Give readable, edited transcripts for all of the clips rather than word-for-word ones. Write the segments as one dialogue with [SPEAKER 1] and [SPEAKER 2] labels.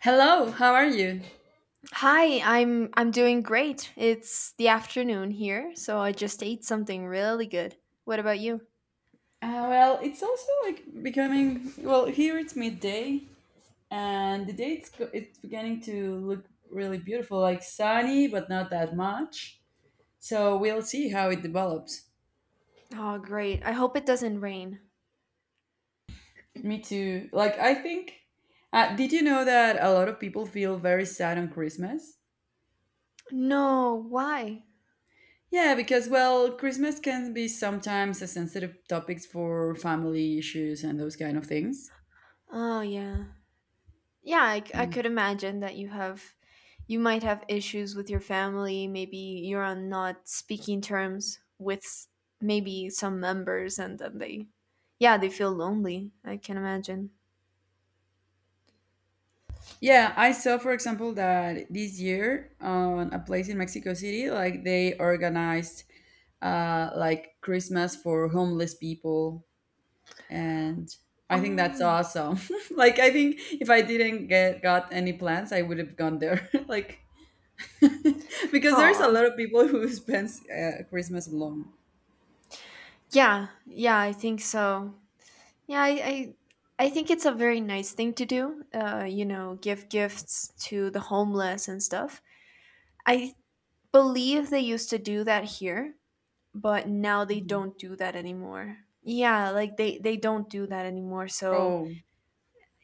[SPEAKER 1] Hello, how are you?
[SPEAKER 2] Hi, I'm doing great. It's the afternoon here, so I just ate something really good. What about you?
[SPEAKER 1] Well, it's also like becoming well here it's midday and the day it's beginning to look really beautiful, like sunny but not that much. So we'll see how it develops.
[SPEAKER 2] Oh, great. I hope it doesn't rain.
[SPEAKER 1] Me too. Did you know that a lot of people feel very sad on Christmas?
[SPEAKER 2] No, why?
[SPEAKER 1] Yeah, because well, Christmas can be sometimes a sensitive topics for family issues and those kind of things.
[SPEAKER 2] Oh, yeah. Yeah, I could imagine that you might have issues with your family. Maybe you're on not speaking terms with maybe some members and then they yeah, they feel lonely. I can imagine.
[SPEAKER 1] Yeah, I saw, for example, that this year on a place in Mexico City, like they organized like Christmas for homeless people, and I think that's
[SPEAKER 2] Oh.
[SPEAKER 1] awesome. Like, I think if I didn't get got any plans, I would have gone there. Like, because there's a
[SPEAKER 2] Oh.
[SPEAKER 1] lot of people who spends Christmas alone.
[SPEAKER 2] Yeah, yeah, I think so. Yeah, I think it's a very nice thing to do. Give gifts to the homeless and stuff. I believe they used to do that here, but now they
[SPEAKER 1] Mhm.
[SPEAKER 2] don't do that anymore. Yeah, like they don't do that anymore. So,
[SPEAKER 1] Oh,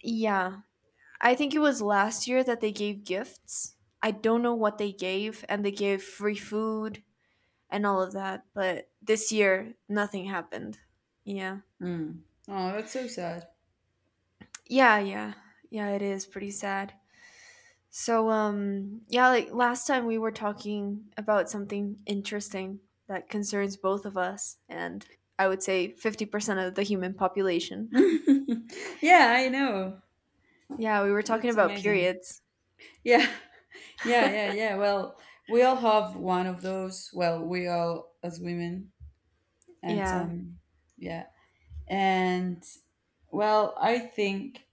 [SPEAKER 2] yeah. I think it was last year that they gave gifts. I don't know what they gave, and they gave free food and all of that, but this year nothing happened. Yeah.
[SPEAKER 1] mm. Oh, that's so sad.
[SPEAKER 2] Yeah, yeah. Yeah, it is pretty sad. So, yeah, like last time we were talking about something interesting that concerns both of us and I would say 50% of the human population.
[SPEAKER 1] Yeah, I know.
[SPEAKER 2] Yeah, we were talking
[SPEAKER 1] That's
[SPEAKER 2] about
[SPEAKER 1] amazing.
[SPEAKER 2] periods.
[SPEAKER 1] Yeah. Yeah, yeah, yeah. Well, we all have one of those. Well, we all as women, and
[SPEAKER 2] Yeah.
[SPEAKER 1] um, yeah, and well, I think,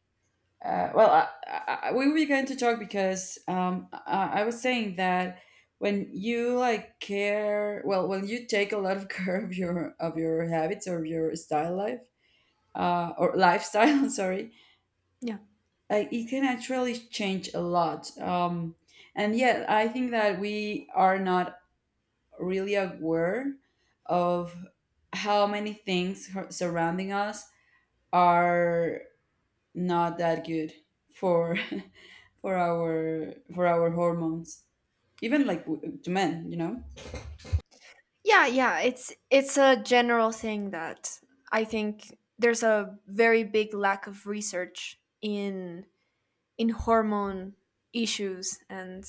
[SPEAKER 1] well, I- we began to talk because I was saying that when you like care, well, when you take a lot of care of your habits or your style life, or lifestyle, sorry,
[SPEAKER 2] Yeah.
[SPEAKER 1] like it can actually change a lot. And yet, I think that we are not really aware of how many things surrounding us are not that good for for our hormones even like to men you know
[SPEAKER 2] Yeah, yeah, it's a general thing that I think there's a very big lack of research in hormone issues, and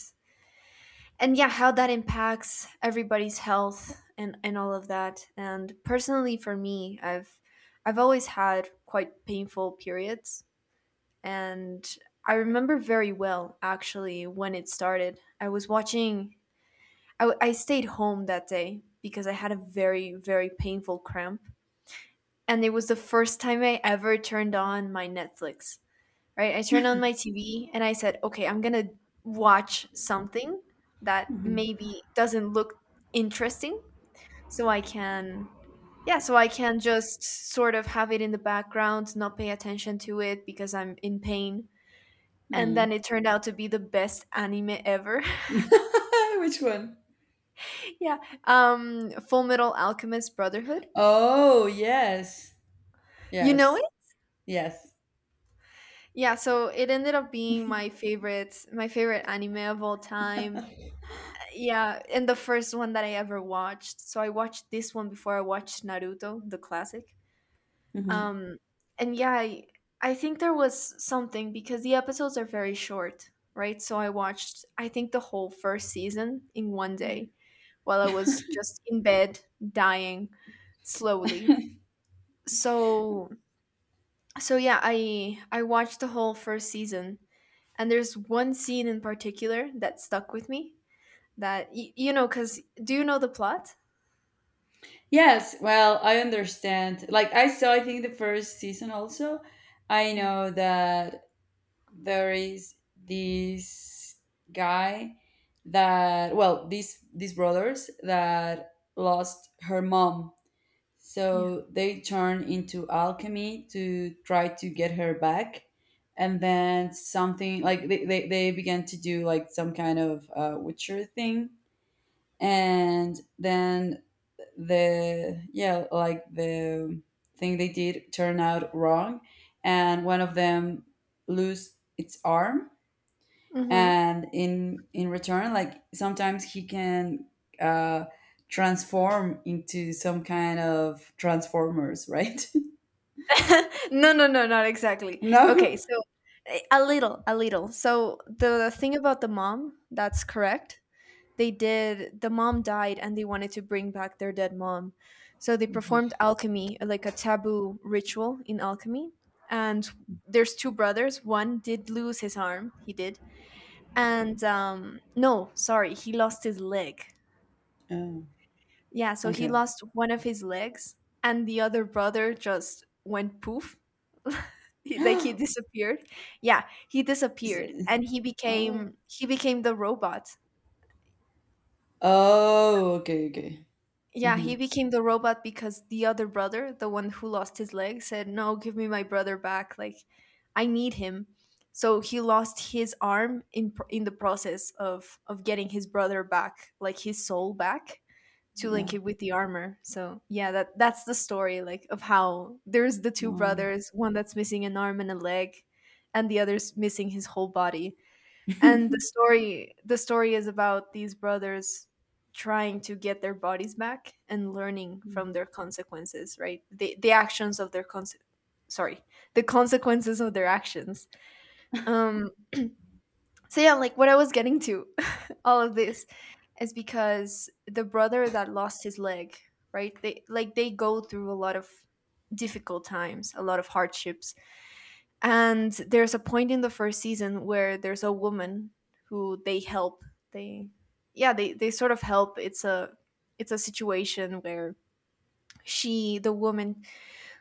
[SPEAKER 2] and yeah, how that impacts everybody's health, and all of that. And personally, for me, I've always had quite painful periods, and I remember very well actually when it started. I was watching i, w- I stayed home that day because I had a very very painful cramp, and it was the first time I ever turned on my Netflix, right? I turned on my TV and I said, okay, I'm going to watch something that
[SPEAKER 1] Mhm.
[SPEAKER 2] maybe doesn't look interesting so I can, yeah, so I can just sort of have it in the background, not pay attention to it because I'm in pain. And
[SPEAKER 1] Hmm.
[SPEAKER 2] then it turned out to be the best anime ever.
[SPEAKER 1] Which one?
[SPEAKER 2] Yeah. Full Metal Alchemist Brotherhood.
[SPEAKER 1] Oh yes,
[SPEAKER 2] You know
[SPEAKER 1] yes
[SPEAKER 2] it?
[SPEAKER 1] yes.
[SPEAKER 2] Yeah, so it ended up being my favorite anime of all time. Yeah, and the first one that I ever watched. So I watched this one before I watched Naruto, the classic.
[SPEAKER 1] Mhm.
[SPEAKER 2] Um, and yeah, I think there was something because the episodes are very short, right? So I watched, I think, the whole first season in one day while I was just in bed dying slowly. So, so yeah, I watched the whole first season, and there's one scene in particular that stuck with me, that you know, cuz do you know the plot?
[SPEAKER 1] Yes, well, I understand. Like I saw, I think the first season also. I
[SPEAKER 2] Yeah.
[SPEAKER 1] know that there is this guy that well these brothers that lost her mom
[SPEAKER 2] Yeah.
[SPEAKER 1] so they turn into alchemy to try to get her back and then something like they began to do like some kind of witcher thing and then the yeah like the thing they did turned out wrong and one of them lose its arm
[SPEAKER 2] Mhm.
[SPEAKER 1] and in return like sometimes he can uh transform into some kind of transformers, right?
[SPEAKER 2] No, no, no, not exactly. Okay,
[SPEAKER 1] No.
[SPEAKER 2] so a little, a little. So the thing about the mom, that's correct. They did, the mom died and they wanted to bring back their dead mom. So they performed alchemy, like a taboo ritual in alchemy. And there's two brothers. One did lose his arm, he did. And no, sorry, he lost his leg.
[SPEAKER 1] Oh,
[SPEAKER 2] Yeah, so he
[SPEAKER 1] okay.
[SPEAKER 2] lost one of his legs, and the other brother just went poof. Like, he disappeared. Yeah, he
[SPEAKER 1] Is
[SPEAKER 2] disappeared,
[SPEAKER 1] it-
[SPEAKER 2] and he
[SPEAKER 1] oh,
[SPEAKER 2] became he became the robot.
[SPEAKER 1] oh, okay, okay.
[SPEAKER 2] Yeah,
[SPEAKER 1] Hmm.
[SPEAKER 2] he became the robot because the other brother, the one who lost his leg, said, no, give me my brother back. Like, I need him. So he lost his arm in the process of getting his brother back, like his soul back, to link
[SPEAKER 1] Yeah.
[SPEAKER 2] it with the armor. So yeah, that's the story, like of how there's the two
[SPEAKER 1] Wow.
[SPEAKER 2] brothers, one that's missing an arm and a leg, and the other's missing his whole body. And the story is about these brothers trying to get their bodies back and learning from their consequences, right? The actions of their cons sorry, the consequences of their actions. Um so yeah, like what I was getting to, all of this, is because the brother that lost his leg, right? They Like, they go through a lot of difficult times, a lot of hardships, and there's a point in the first season where there's a woman who they help. They Yeah, they sort of help. It's a situation where she the woman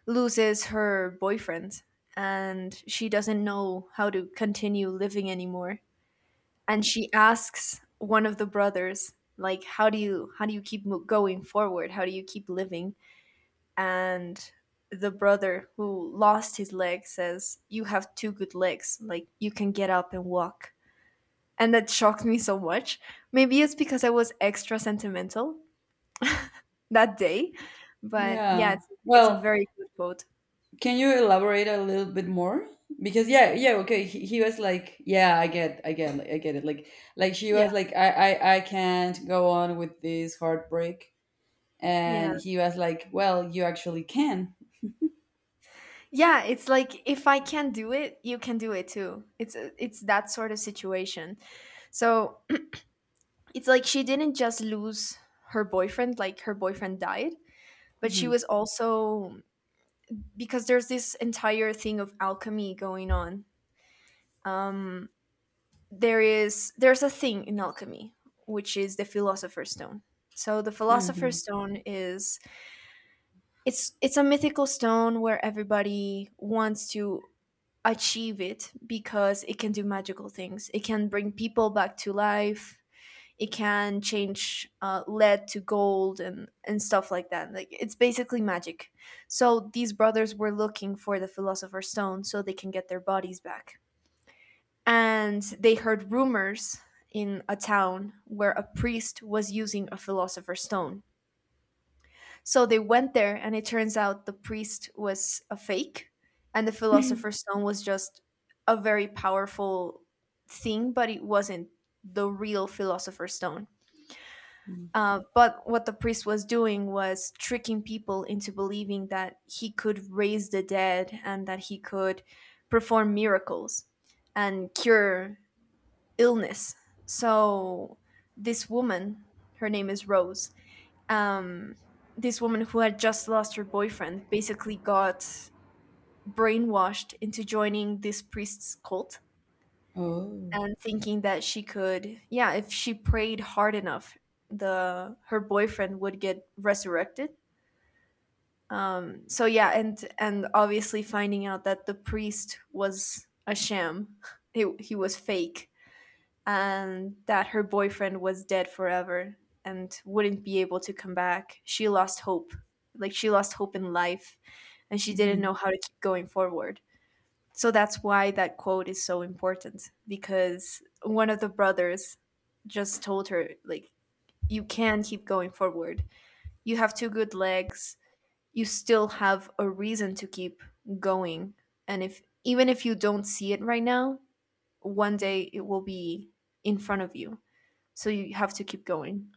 [SPEAKER 2] loses her boyfriend and she doesn't know how to continue living anymore. And she asks one of the brothers, like, how do you keep going forward? How do you keep living? And the brother who lost his leg says, you have two good legs. Like, you can get up and walk. And that shocked me so much. Maybe it's because I was extra sentimental that day. But yeah,
[SPEAKER 1] Yeah,
[SPEAKER 2] it's a
[SPEAKER 1] well,
[SPEAKER 2] very good quote.
[SPEAKER 1] can you elaborate a little bit more because yeah, yeah, okay, he was like yeah, I get it, like she
[SPEAKER 2] Yeah.
[SPEAKER 1] was like I can't go on with this heartbreak
[SPEAKER 2] Yeah.
[SPEAKER 1] and he was like, "Well, you actually can."
[SPEAKER 2] Yeah. It's like, if I can do it, you can do it too. It's that sort of situation. So it's like she didn't just lose her boyfriend, like, her boyfriend died, but she
[SPEAKER 1] Hmm.
[SPEAKER 2] was also, because there's this entire thing of alchemy going on. Um, there's a thing in alchemy, which is the philosopher's stone. So the philosopher's
[SPEAKER 1] Hmm.
[SPEAKER 2] stone is it's a mythical stone where everybody wants to achieve it because it can do magical things. It can bring people back to life. It can change lead to gold, and stuff like that, like it's basically magic. So these brothers were looking for the philosopher's stone so they can get their bodies back, and they heard rumors in a town where a priest was using a philosopher's stone. So they went there, and it turns out the priest was a fake, and the philosopher's stone was just a very powerful thing, but it wasn't the real philosopher's stone. But what the priest was doing was tricking people into believing that he could raise the dead and that he could perform miracles and cure illness. So this woman, her name is Rose, um, this woman who had just lost her boyfriend basically got brainwashed into joining this priest's cult
[SPEAKER 1] Oh.
[SPEAKER 2] and thinking that she could, yeah, if she prayed hard enough, the her boyfriend would get resurrected. So yeah, and obviously finding out that the priest was a sham, he was fake, and that her boyfriend was dead forever and wouldn't be able to come back, she lost hope. Like, she lost hope in life, and she didn't
[SPEAKER 1] Hmm.
[SPEAKER 2] know how to keep going forward. So that's why that quote is so important, because one of the brothers just told her, like, you can keep going forward. You have two good legs. You still have a reason to keep going. And if even if you don't see it right now, one day it will be in front of you. So you have to keep going.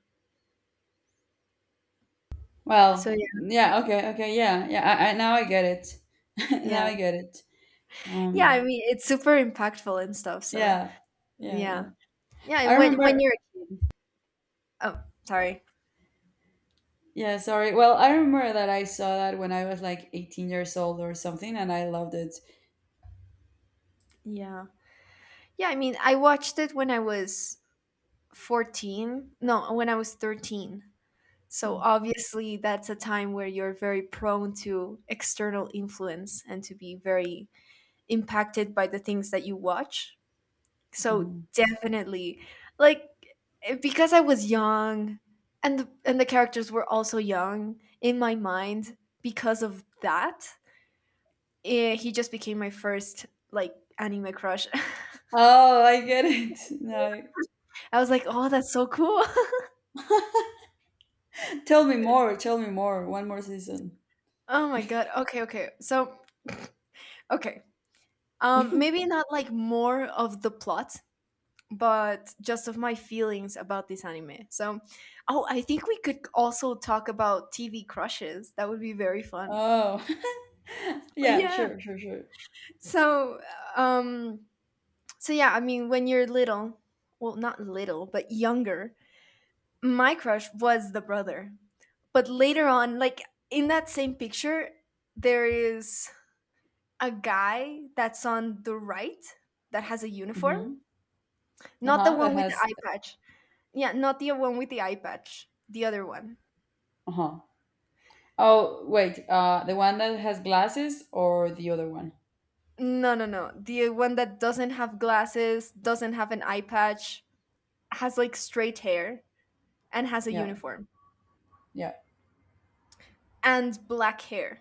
[SPEAKER 2] So
[SPEAKER 1] Well,
[SPEAKER 2] yeah,
[SPEAKER 1] yeah. Okay. Okay. Yeah. Yeah. I now I get it. Now
[SPEAKER 2] yeah.
[SPEAKER 1] I get it.
[SPEAKER 2] Yeah,
[SPEAKER 1] Um.
[SPEAKER 2] I mean, it's super impactful and stuff. So
[SPEAKER 1] Yeah. Yeah. Yeah.
[SPEAKER 2] yeah.
[SPEAKER 1] Yeah.
[SPEAKER 2] Yeah,
[SPEAKER 1] I
[SPEAKER 2] and when
[SPEAKER 1] remember.
[SPEAKER 2] you're a kid. Oh, sorry.
[SPEAKER 1] Yeah. Sorry. Well, I remember that I saw that when I was like 18 years old or something, and I loved it.
[SPEAKER 2] Yeah. Yeah, I mean, I watched it when I was 14. No, when I was 13. So obviously, that's a time where you're very prone to external influence and to be very impacted by the things that you watch. So
[SPEAKER 1] Mm-hmm.
[SPEAKER 2] definitely, like, because I was young, and the characters were also young in my mind because of that, he just became my first, like, anime crush.
[SPEAKER 1] Oh, I get it. No.
[SPEAKER 2] I was like, "Oh, that's so cool."
[SPEAKER 1] Tell me more. Tell me more. One more season.
[SPEAKER 2] Oh my god. Okay, okay. So, okay. Maybe not like more of the plot, but just of my feelings about this anime. So, oh, I think we could also talk about TV crushes. That would be very fun.
[SPEAKER 1] Oh. Yeah.
[SPEAKER 2] Yeah.
[SPEAKER 1] Sure. Sure. Sure.
[SPEAKER 2] So, um so yeah, I mean, when you're little, well, not little, but younger, my crush was the brother. But later on, like in that same picture, there is a guy that's on the right that has a uniform,
[SPEAKER 1] Mhm.
[SPEAKER 2] not the
[SPEAKER 1] Uh-huh, that
[SPEAKER 2] one with the
[SPEAKER 1] has
[SPEAKER 2] eye patch. Yeah, not the one with the eye patch, the other one.
[SPEAKER 1] uh-huh. Oh, wait, the one that has glasses or the other one?
[SPEAKER 2] No, no, no, the one that doesn't have glasses, doesn't have an eye patch, has like straight hair and has a
[SPEAKER 1] Yeah,
[SPEAKER 2] uniform
[SPEAKER 1] yeah.
[SPEAKER 2] and black hair.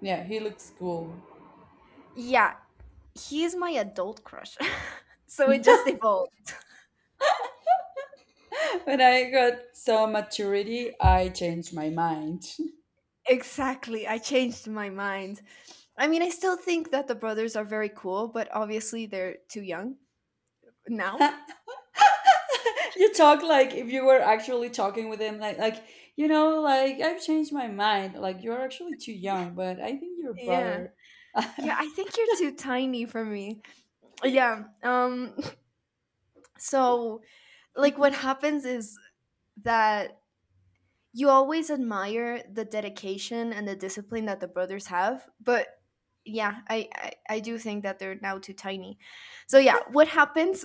[SPEAKER 1] Yeah, he looks cool.
[SPEAKER 2] Yeah, he's my adult crush. So it just evolved.
[SPEAKER 1] When I got some maturity, I changed my mind.
[SPEAKER 2] Exactly, I changed my mind. I mean, I still think that the brothers are very cool, but obviously they're too young now.
[SPEAKER 1] You talk like if you were actually talking with him like you know, like I've changed my mind. Like you're actually too young, but I think your
[SPEAKER 2] Yeah.
[SPEAKER 1] brother.
[SPEAKER 2] Yeah, I think you're too tiny for me. Yeah. So like what happens is that you always admire the dedication and the discipline that the brothers have, but yeah, I do think that they're now too tiny. So yeah, what happens?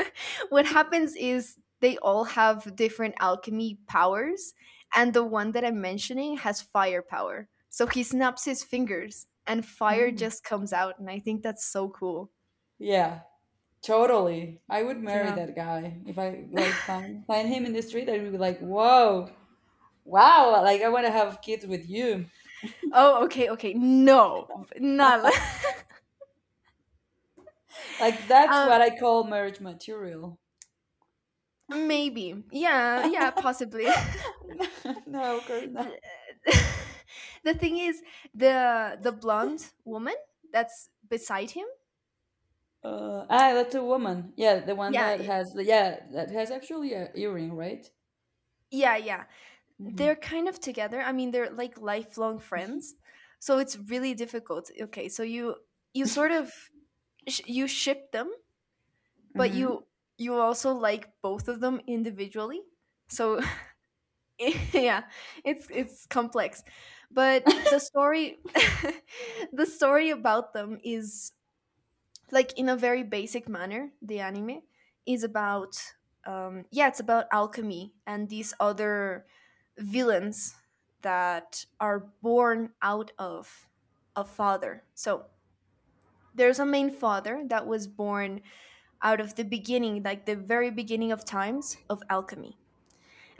[SPEAKER 2] What happens is they all have different alchemy powers, and the one that I'm mentioning has fire power. So he snaps his fingers and fire
[SPEAKER 1] Mm.
[SPEAKER 2] just comes out, and I think that's so cool.
[SPEAKER 1] Yeah, totally. I would marry
[SPEAKER 2] Yeah.
[SPEAKER 1] that guy if I like find him in the street. I'd be like, "Whoa, wow, like I want to have kids with you."
[SPEAKER 2] Oh, okay, okay. No, not
[SPEAKER 1] Like that's what
[SPEAKER 2] um
[SPEAKER 1] I call marriage material.
[SPEAKER 2] maybe. Yeah, possibly.
[SPEAKER 1] No, of course not.
[SPEAKER 2] The thing is, the blonde woman that's beside him.
[SPEAKER 1] That's a woman. Yeah, the one
[SPEAKER 2] yeah
[SPEAKER 1] that
[SPEAKER 2] y-
[SPEAKER 1] has the yeah that has actually a earring, right?
[SPEAKER 2] yeah.
[SPEAKER 1] Mm-hmm.
[SPEAKER 2] They're kind of together. I mean, they're like lifelong friends, so it's really difficult. Okay, so you sort of you ship them, but
[SPEAKER 1] Mm-hmm.
[SPEAKER 2] you also like both of them individually. So yeah, it's complex. But the story, the story about them is, like, in a very basic manner, the anime is about, yeah, it's about alchemy and these other villains that are born out of a father. So there's a main father that was born out of the beginning, like the very beginning of times of alchemy.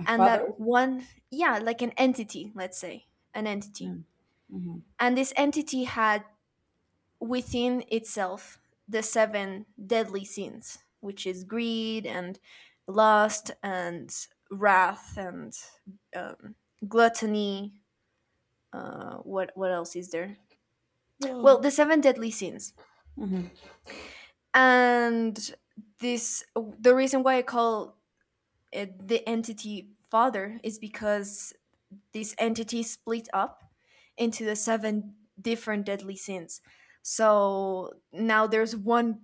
[SPEAKER 1] A
[SPEAKER 2] And
[SPEAKER 1] father.
[SPEAKER 2] that one, yeah, like an entity, let's say, an entity.
[SPEAKER 1] Mm-hmm.
[SPEAKER 2] And this entity had within itself the seven deadly sins, which is greed, and lust, and wrath, and um, gluttony. What else is there? Well,
[SPEAKER 1] Oh.
[SPEAKER 2] the seven deadly sins.
[SPEAKER 1] Mm-hmm.
[SPEAKER 2] And this, the reason why I call it the entity father is because this entity split up into the seven different deadly sins. So now there's one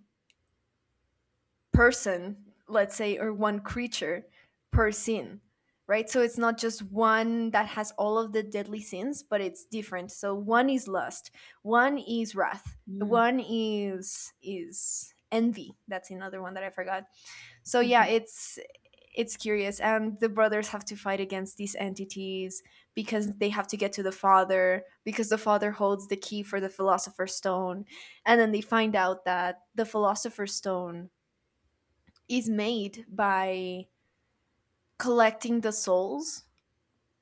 [SPEAKER 2] person, let's say, or one creature per scene, right? So it's not just one that has all of the deadly sins, but it's different. So one is lust, one is wrath,
[SPEAKER 1] Mm-hmm.
[SPEAKER 2] one is envy. That's another one that I forgot. So yeah, it's curious, and the brothers have to fight against these entities because they have to get to the father, because the father holds the key for the philosopher's stone. And then they find out that the philosopher's stone is made by collecting the souls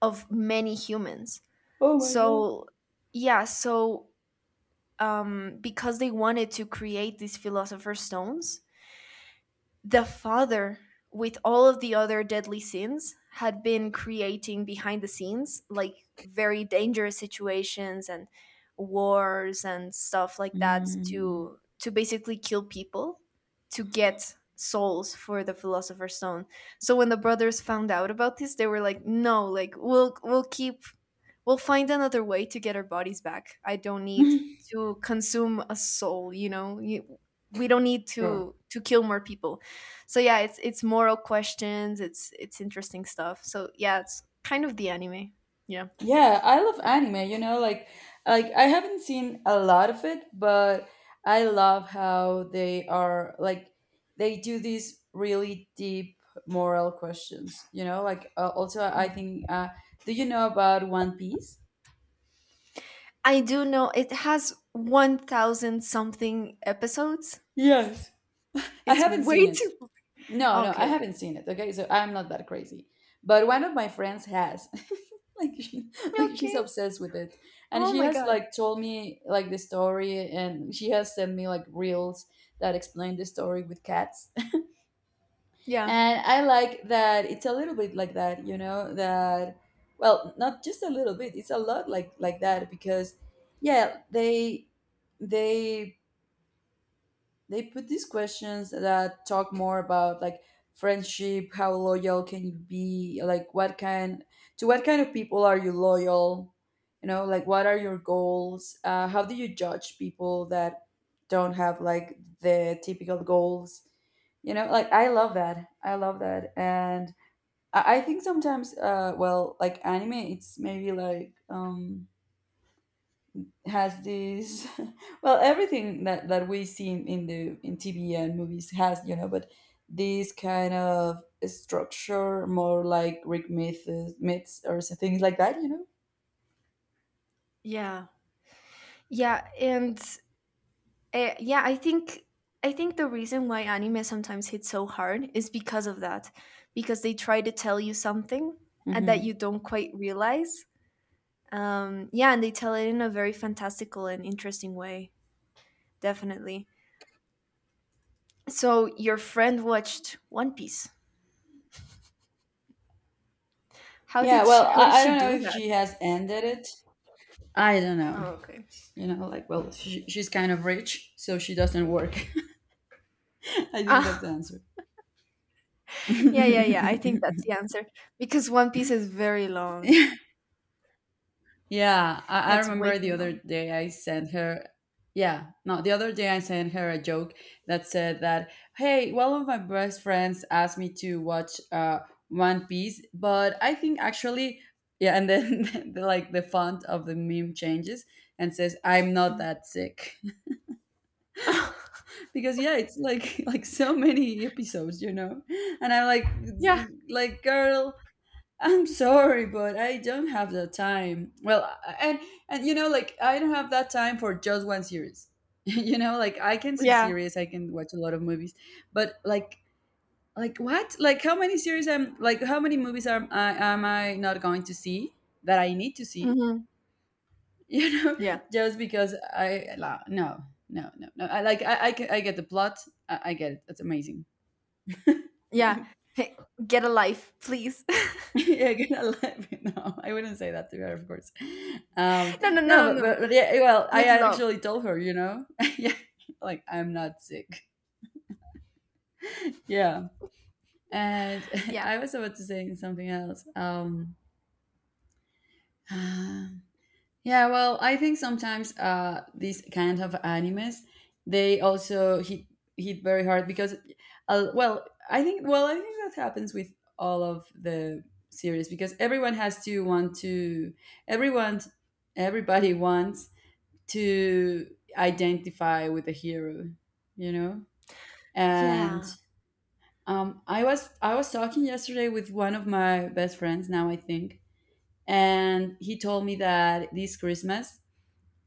[SPEAKER 2] of many humans.
[SPEAKER 1] Oh my god.
[SPEAKER 2] So, yeah, so because they wanted to create these philosopher's stones, the father, with all of the other deadly sins, had been creating behind the scenes like very dangerous situations, and wars and stuff like that,
[SPEAKER 1] Mm.
[SPEAKER 2] to basically kill people, to get souls for the philosopher's stone. So when the brothers found out about this, they were like, no, like, we'll keep, we'll find another way to get our bodies back. I don't need to consume a soul, you know. You, we don't need
[SPEAKER 1] Sure.
[SPEAKER 2] to kill more people. So yeah, it's moral questions. It's interesting stuff. So yeah, it's kind of the anime. Yeah.
[SPEAKER 1] Yeah, I love anime, you know, like I haven't seen a lot of it, but I love how they are like they do these really deep moral questions, you know? Like also I
[SPEAKER 2] Yeah.
[SPEAKER 1] think do you know about One Piece?
[SPEAKER 2] I do know it has 1000 something episodes.
[SPEAKER 1] Yes. I
[SPEAKER 2] It's
[SPEAKER 1] haven't seen
[SPEAKER 2] way
[SPEAKER 1] it.
[SPEAKER 2] too.
[SPEAKER 1] No, no, I
[SPEAKER 2] Okay, okay.
[SPEAKER 1] haven't seen it. Okay, so I'm not that crazy, but one of my friends has. like she, like she's
[SPEAKER 2] Okay.
[SPEAKER 1] obsessed with it, and
[SPEAKER 2] Oh
[SPEAKER 1] she
[SPEAKER 2] my
[SPEAKER 1] has
[SPEAKER 2] god.
[SPEAKER 1] like told me like the story, and she has sent me like reels that explain the story with cats.
[SPEAKER 2] Yeah.
[SPEAKER 1] And I like that it's a little bit like that, you know, that well, not just a little bit, it's a lot like that because yeah, they they put these questions that talk more about like friendship, how loyal can you be, like what kind to what kind of people are you loyal, you know, like what are your goals, how do you judge people that don't have like the typical goals, you know, like I love that, I love that. And I think sometimes well like anime it's maybe like has this well everything that we see in the in tv and movies has you know but this kind of structure more like greek myths or things like that, you know.
[SPEAKER 2] Yeah. Yeah, and yeah, I think, I think the reason why anime sometimes hits so hard is because of that, because they try to tell you something, and that
[SPEAKER 1] Hmm.
[SPEAKER 2] you don't quite realize. Yeah, and they tell it in a very fantastical and interesting way, definitely. So your friend watched One Piece.
[SPEAKER 1] Yeah, well,
[SPEAKER 2] How did
[SPEAKER 1] I
[SPEAKER 2] she
[SPEAKER 1] don't know
[SPEAKER 2] do
[SPEAKER 1] if
[SPEAKER 2] that?
[SPEAKER 1] she has ended it. I don't know,
[SPEAKER 2] Oh, okay.
[SPEAKER 1] you know, like well she's kind of rich so she doesn't work. I think that's
[SPEAKER 2] Ah,
[SPEAKER 1] the
[SPEAKER 2] yeah, yeah, yeah. I think that's
[SPEAKER 1] answer.
[SPEAKER 2] the answer, because One Piece is very long.
[SPEAKER 1] Yeah,
[SPEAKER 2] Yeah,
[SPEAKER 1] I
[SPEAKER 2] it's way
[SPEAKER 1] remember
[SPEAKER 2] too
[SPEAKER 1] the other
[SPEAKER 2] long.
[SPEAKER 1] day I sent her. Yeah, no, the other day I sent her a joke that said that, hey, one of my best friends asked me to watch One Piece, but I think actually, yeah, and then the, like the font of the meme changes and says, I'm not
[SPEAKER 2] Mhm.
[SPEAKER 1] that sick. Because yeah, it's like like so many episodes, you know? And I'm
[SPEAKER 2] yeah,
[SPEAKER 1] like girl, I'm sorry, but I don't have the time. Well, and and you know, like I don't have that time for just one series. You know, like I can see
[SPEAKER 2] yeah,
[SPEAKER 1] series, I can watch a lot of movies, but like what? Like how many series am like how many movies am I not going to see that I need to see?
[SPEAKER 2] hmm
[SPEAKER 1] You know,
[SPEAKER 2] yeah.
[SPEAKER 1] just because no, no. I get the plot. I get it. That's amazing.
[SPEAKER 2] Yeah. Hey, get a life, please.
[SPEAKER 1] Yeah, good at laughing. No, I wouldn't say that to her, of course. Um,
[SPEAKER 2] No, no, no,
[SPEAKER 1] no,
[SPEAKER 2] no, no.
[SPEAKER 1] but yeah, well, I
[SPEAKER 2] With love.
[SPEAKER 1] actually told her, you know, yeah, like I'm not sick. Yeah, and
[SPEAKER 2] Yeah.
[SPEAKER 1] I was about to say something else. Yeah, well, I think sometimes these kind of animes they also hit very hard because, well I think that happens with all of the series because everyone has to want to everyone everybody wants to identify with the hero, you know. And
[SPEAKER 2] Yeah.
[SPEAKER 1] I was talking yesterday with one of my best friends now I think, and he told me that this Christmas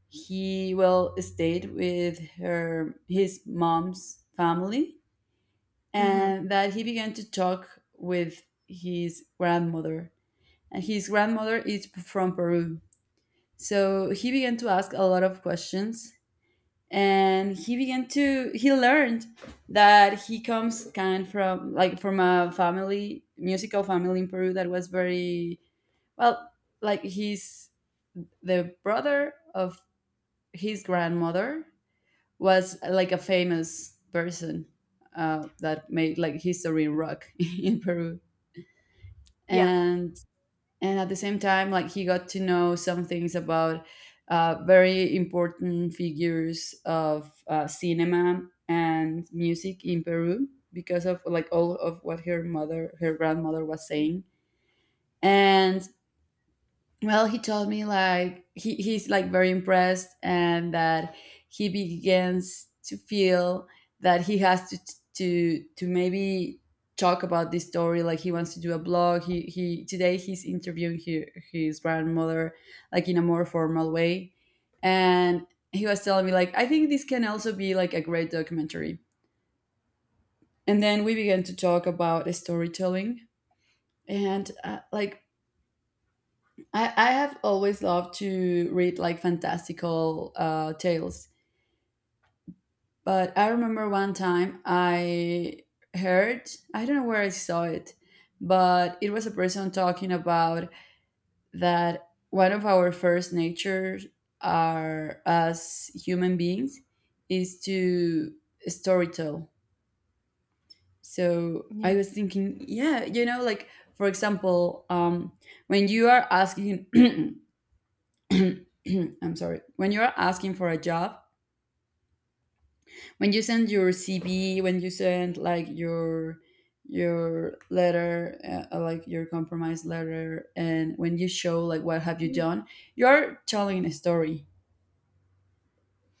[SPEAKER 1] he will stayed with her his mom's family
[SPEAKER 2] Hmm.
[SPEAKER 1] and that he began to talk with his grandmother and his grandmother is from Peru so he began to ask a lot of questions and he began to he learned that he comes kind from like from a family musical family in Peru that was very well like he's the brother of his grandmother was like a famous person, that made like history in rock in Peru,
[SPEAKER 2] Yeah.
[SPEAKER 1] and and at the same time, like he got to know some things about very important figures of cinema and music in Peru because of like all of what her mother, her grandmother was saying, and well, he told me like he's like very impressed and that he begins to feel that he has to maybe talk about this story like he wants to do a blog he today he's interviewing his grandmother like in a more formal way and he was telling me like I think this can also be like a great documentary and then we began to talk about storytelling and like I have always loved to read like fantastical tales, but I remember one time I heard, I don't know where I saw it, but it was a person talking about that one of our first natures are as human beings is to storytell. So
[SPEAKER 2] Yeah.
[SPEAKER 1] I was thinking, yeah, you know, like for example, when you are asking I'm sorry. When you're asking for a job, when you send your CV, when you send like your letter, like your compromise letter, and when you show like what have you
[SPEAKER 2] Mhm.
[SPEAKER 1] done, you are telling a story.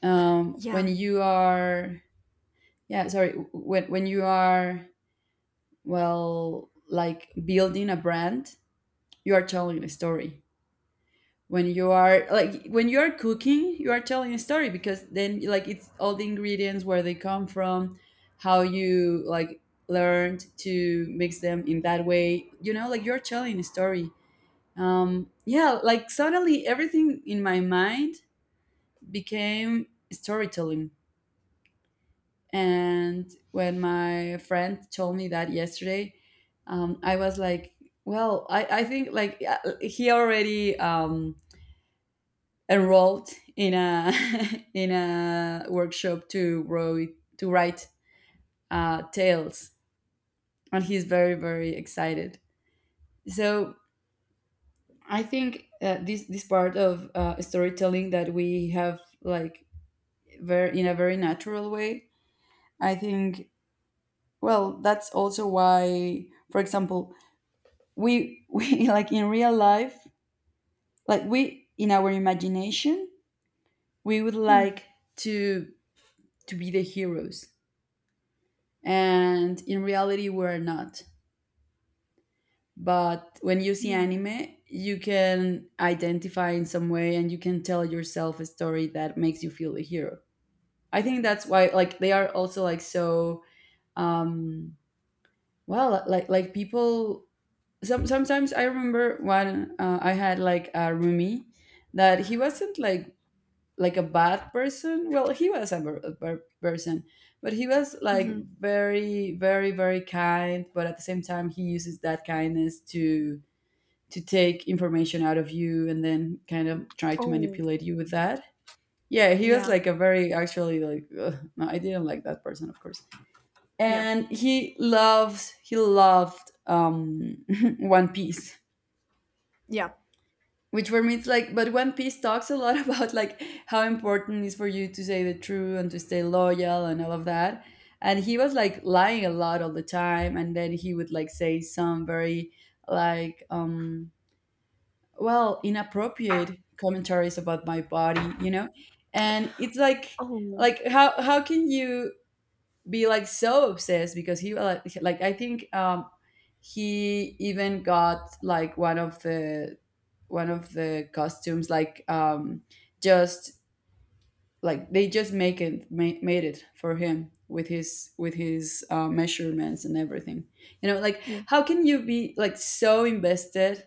[SPEAKER 1] When
[SPEAKER 2] Yeah.
[SPEAKER 1] you are, yeah, sorry, when you are well, like building a brand, you are telling a story. When you are like when you are cooking, you are telling a story, because then like it's all the ingredients, where they come from, how you like learned to mix them in that way, you know, like you're telling a story. Yeah, like suddenly everything in my mind became storytelling. And when my friend told me that yesterday, I was like, well, I think like, yeah, he already enrolled in a in a workshop to wrote to write tales, and he's very very excited. So I think this part of storytelling that we have like very in a very natural way. I think, well, that's also why, for example, we we like in real life, like we in our imagination, we would
[SPEAKER 2] Mm.
[SPEAKER 1] like to to be the heroes, and in reality we're not. But when you see
[SPEAKER 2] Yeah.
[SPEAKER 1] anime, you can identify in some way and you can tell yourself a story that makes you feel a hero. I think that's why like they are also like so, um well, like people sometimes I remember when I had like a roomie that he wasn't like a bad person. Well, he was a bad person, but he was like
[SPEAKER 2] Hmm.
[SPEAKER 1] very, very, very kind. But at the same time, he uses that kindness to take information out of you and then kind of try to
[SPEAKER 2] Oh.
[SPEAKER 1] manipulate you with that. Yeah, he was
[SPEAKER 2] Yeah.
[SPEAKER 1] like a very actually like ugh, no, I didn't like that person, of course.
[SPEAKER 2] Yeah.
[SPEAKER 1] And he loves he loved One Piece.
[SPEAKER 2] Yeah.
[SPEAKER 1] Which for me it's like, but One Piece talks a lot about like how important it is for you to say the truth and to stay loyal and all of that, and he was like lying a lot all the time, and then he would like say some very like, well, inappropriate commentaries about my body, you know. And it's like
[SPEAKER 2] Oh.
[SPEAKER 1] like how can you be like so obsessed? Because he like I think he even got like one of the costumes like, just like they just make made it for him with his measurements and everything, you know, like
[SPEAKER 2] Yeah.
[SPEAKER 1] how can you be like so invested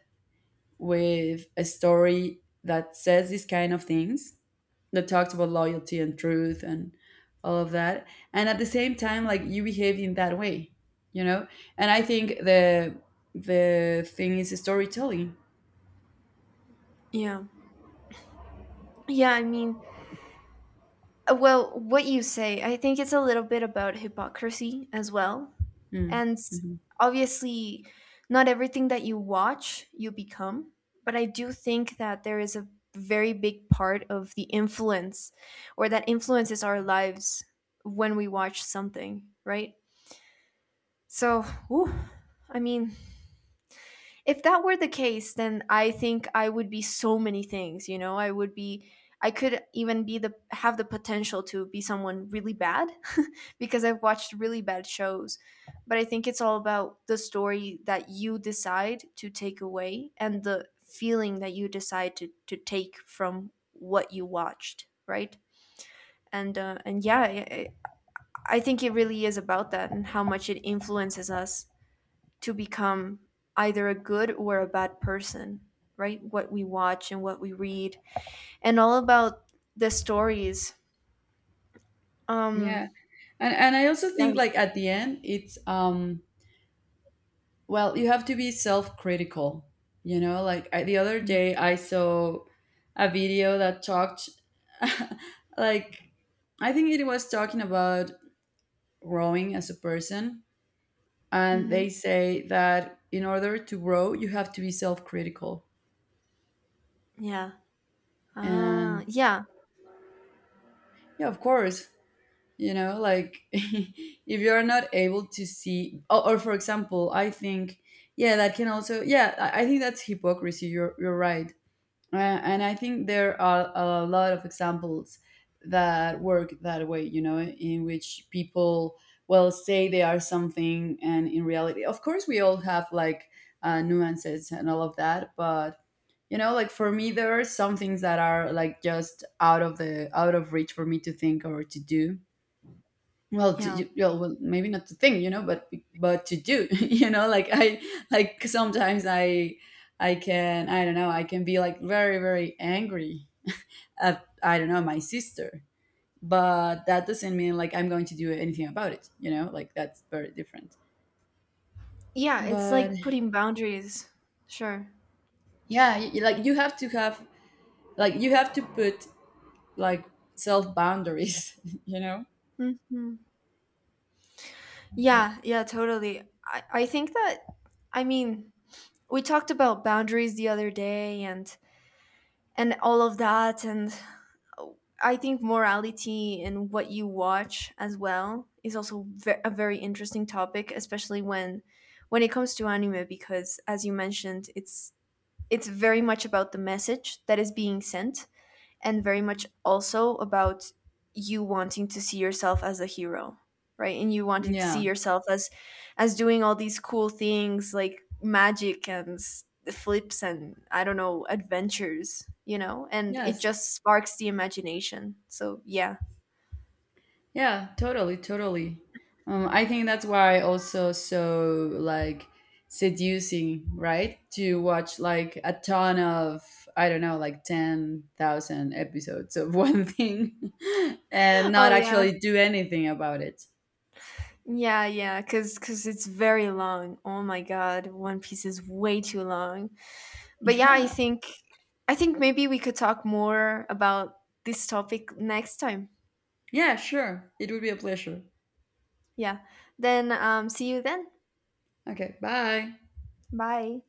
[SPEAKER 1] with a story that says these kind of things, that talks about loyalty and truth and all of that, and at the same time like you behave in that way, you know? And I think the thing is storytelling.
[SPEAKER 2] Yeah. Yeah. I mean, well, what you say, I think it's a little bit about hypocrisy as well.
[SPEAKER 1] Mm,
[SPEAKER 2] And
[SPEAKER 1] mhm.
[SPEAKER 2] obviously, not everything that you watch you become, but I do think that there is a very big part of the influence, or that influences our lives when we watch something, right? So, whew, I mean, if that were the case, then I think I would be so many things, you know. I would be, I could even be the, have the potential to be someone really bad, because I've watched really bad shows. But I think it's all about the story that you decide to take away, and the feeling that you decide to take from what you watched, right? And and yeah, I think it really is about that, and how much it influences us to become either a good or a bad person, right? What we watch and what we read, and all about the stories. Um,
[SPEAKER 1] Yeah, and I also
[SPEAKER 2] yeah.
[SPEAKER 1] think like at the end it's well, you have to be self-critical, you know, like I, the other day I saw a video that talked like I think it was talking about growing as a person, and
[SPEAKER 2] Mm-hmm.
[SPEAKER 1] they say that in order to grow you have to be self-critical.
[SPEAKER 2] Yeah.
[SPEAKER 1] And
[SPEAKER 2] Ah, yeah.
[SPEAKER 1] yeah, of course, you know, like if you're not able to see, or for example I think, yeah, that can also, yeah, I think that's hypocrisy, you're right. And I think there are a lot of examples that work that way, you know, in which people well say they are something, and in reality of course we all have like nuances and all of that, but you know, like for me there are some things that are like just out of the out of reach for me to think or to do, well to,
[SPEAKER 2] Yeah.
[SPEAKER 1] you- yeah, well maybe not to think, you know, but to do you know, like I, like sometimes I can, I don't know, I can be like very very angry at, I don't know, my sister, but that doesn't mean like I'm going to do anything about it, you know, like that's very different.
[SPEAKER 2] Yeah. It's
[SPEAKER 1] But
[SPEAKER 2] like putting boundaries. Sure.
[SPEAKER 1] yeah, y- like you have to have, like you have to put like self boundaries you know.
[SPEAKER 2] Hmm. Yeah. Yeah. Totally. I think that, I mean, we talked about boundaries the other day, and all of that. And I think morality and what you watch as well is also a very interesting topic, especially when it comes to anime, because as you mentioned, it's very much about the message that is being sent, and very much also about you wanting to see yourself as a hero, right? And you wanting to see
[SPEAKER 1] Yeah.
[SPEAKER 2] yourself as doing all these cool things, like magic and flips and, I don't know, adventures, you know. And it
[SPEAKER 1] Yes.
[SPEAKER 2] just sparks the imagination, so yeah.
[SPEAKER 1] Yeah, totally, totally. I think that's why also so like seducing, right? To watch like a ton of, I don't know, like 10,000 episodes of one thing and
[SPEAKER 2] Oh
[SPEAKER 1] not
[SPEAKER 2] yeah.
[SPEAKER 1] actually do anything about it.
[SPEAKER 2] Yeah, because it's very long. Oh my god, One Piece is way too long. But yeah, I
[SPEAKER 1] Yeah.
[SPEAKER 2] think, I think maybe we could talk more about this topic next time.
[SPEAKER 1] Yeah, sure. It would be a pleasure.
[SPEAKER 2] Yeah. Then see you then.
[SPEAKER 1] Okay, bye.
[SPEAKER 2] Bye.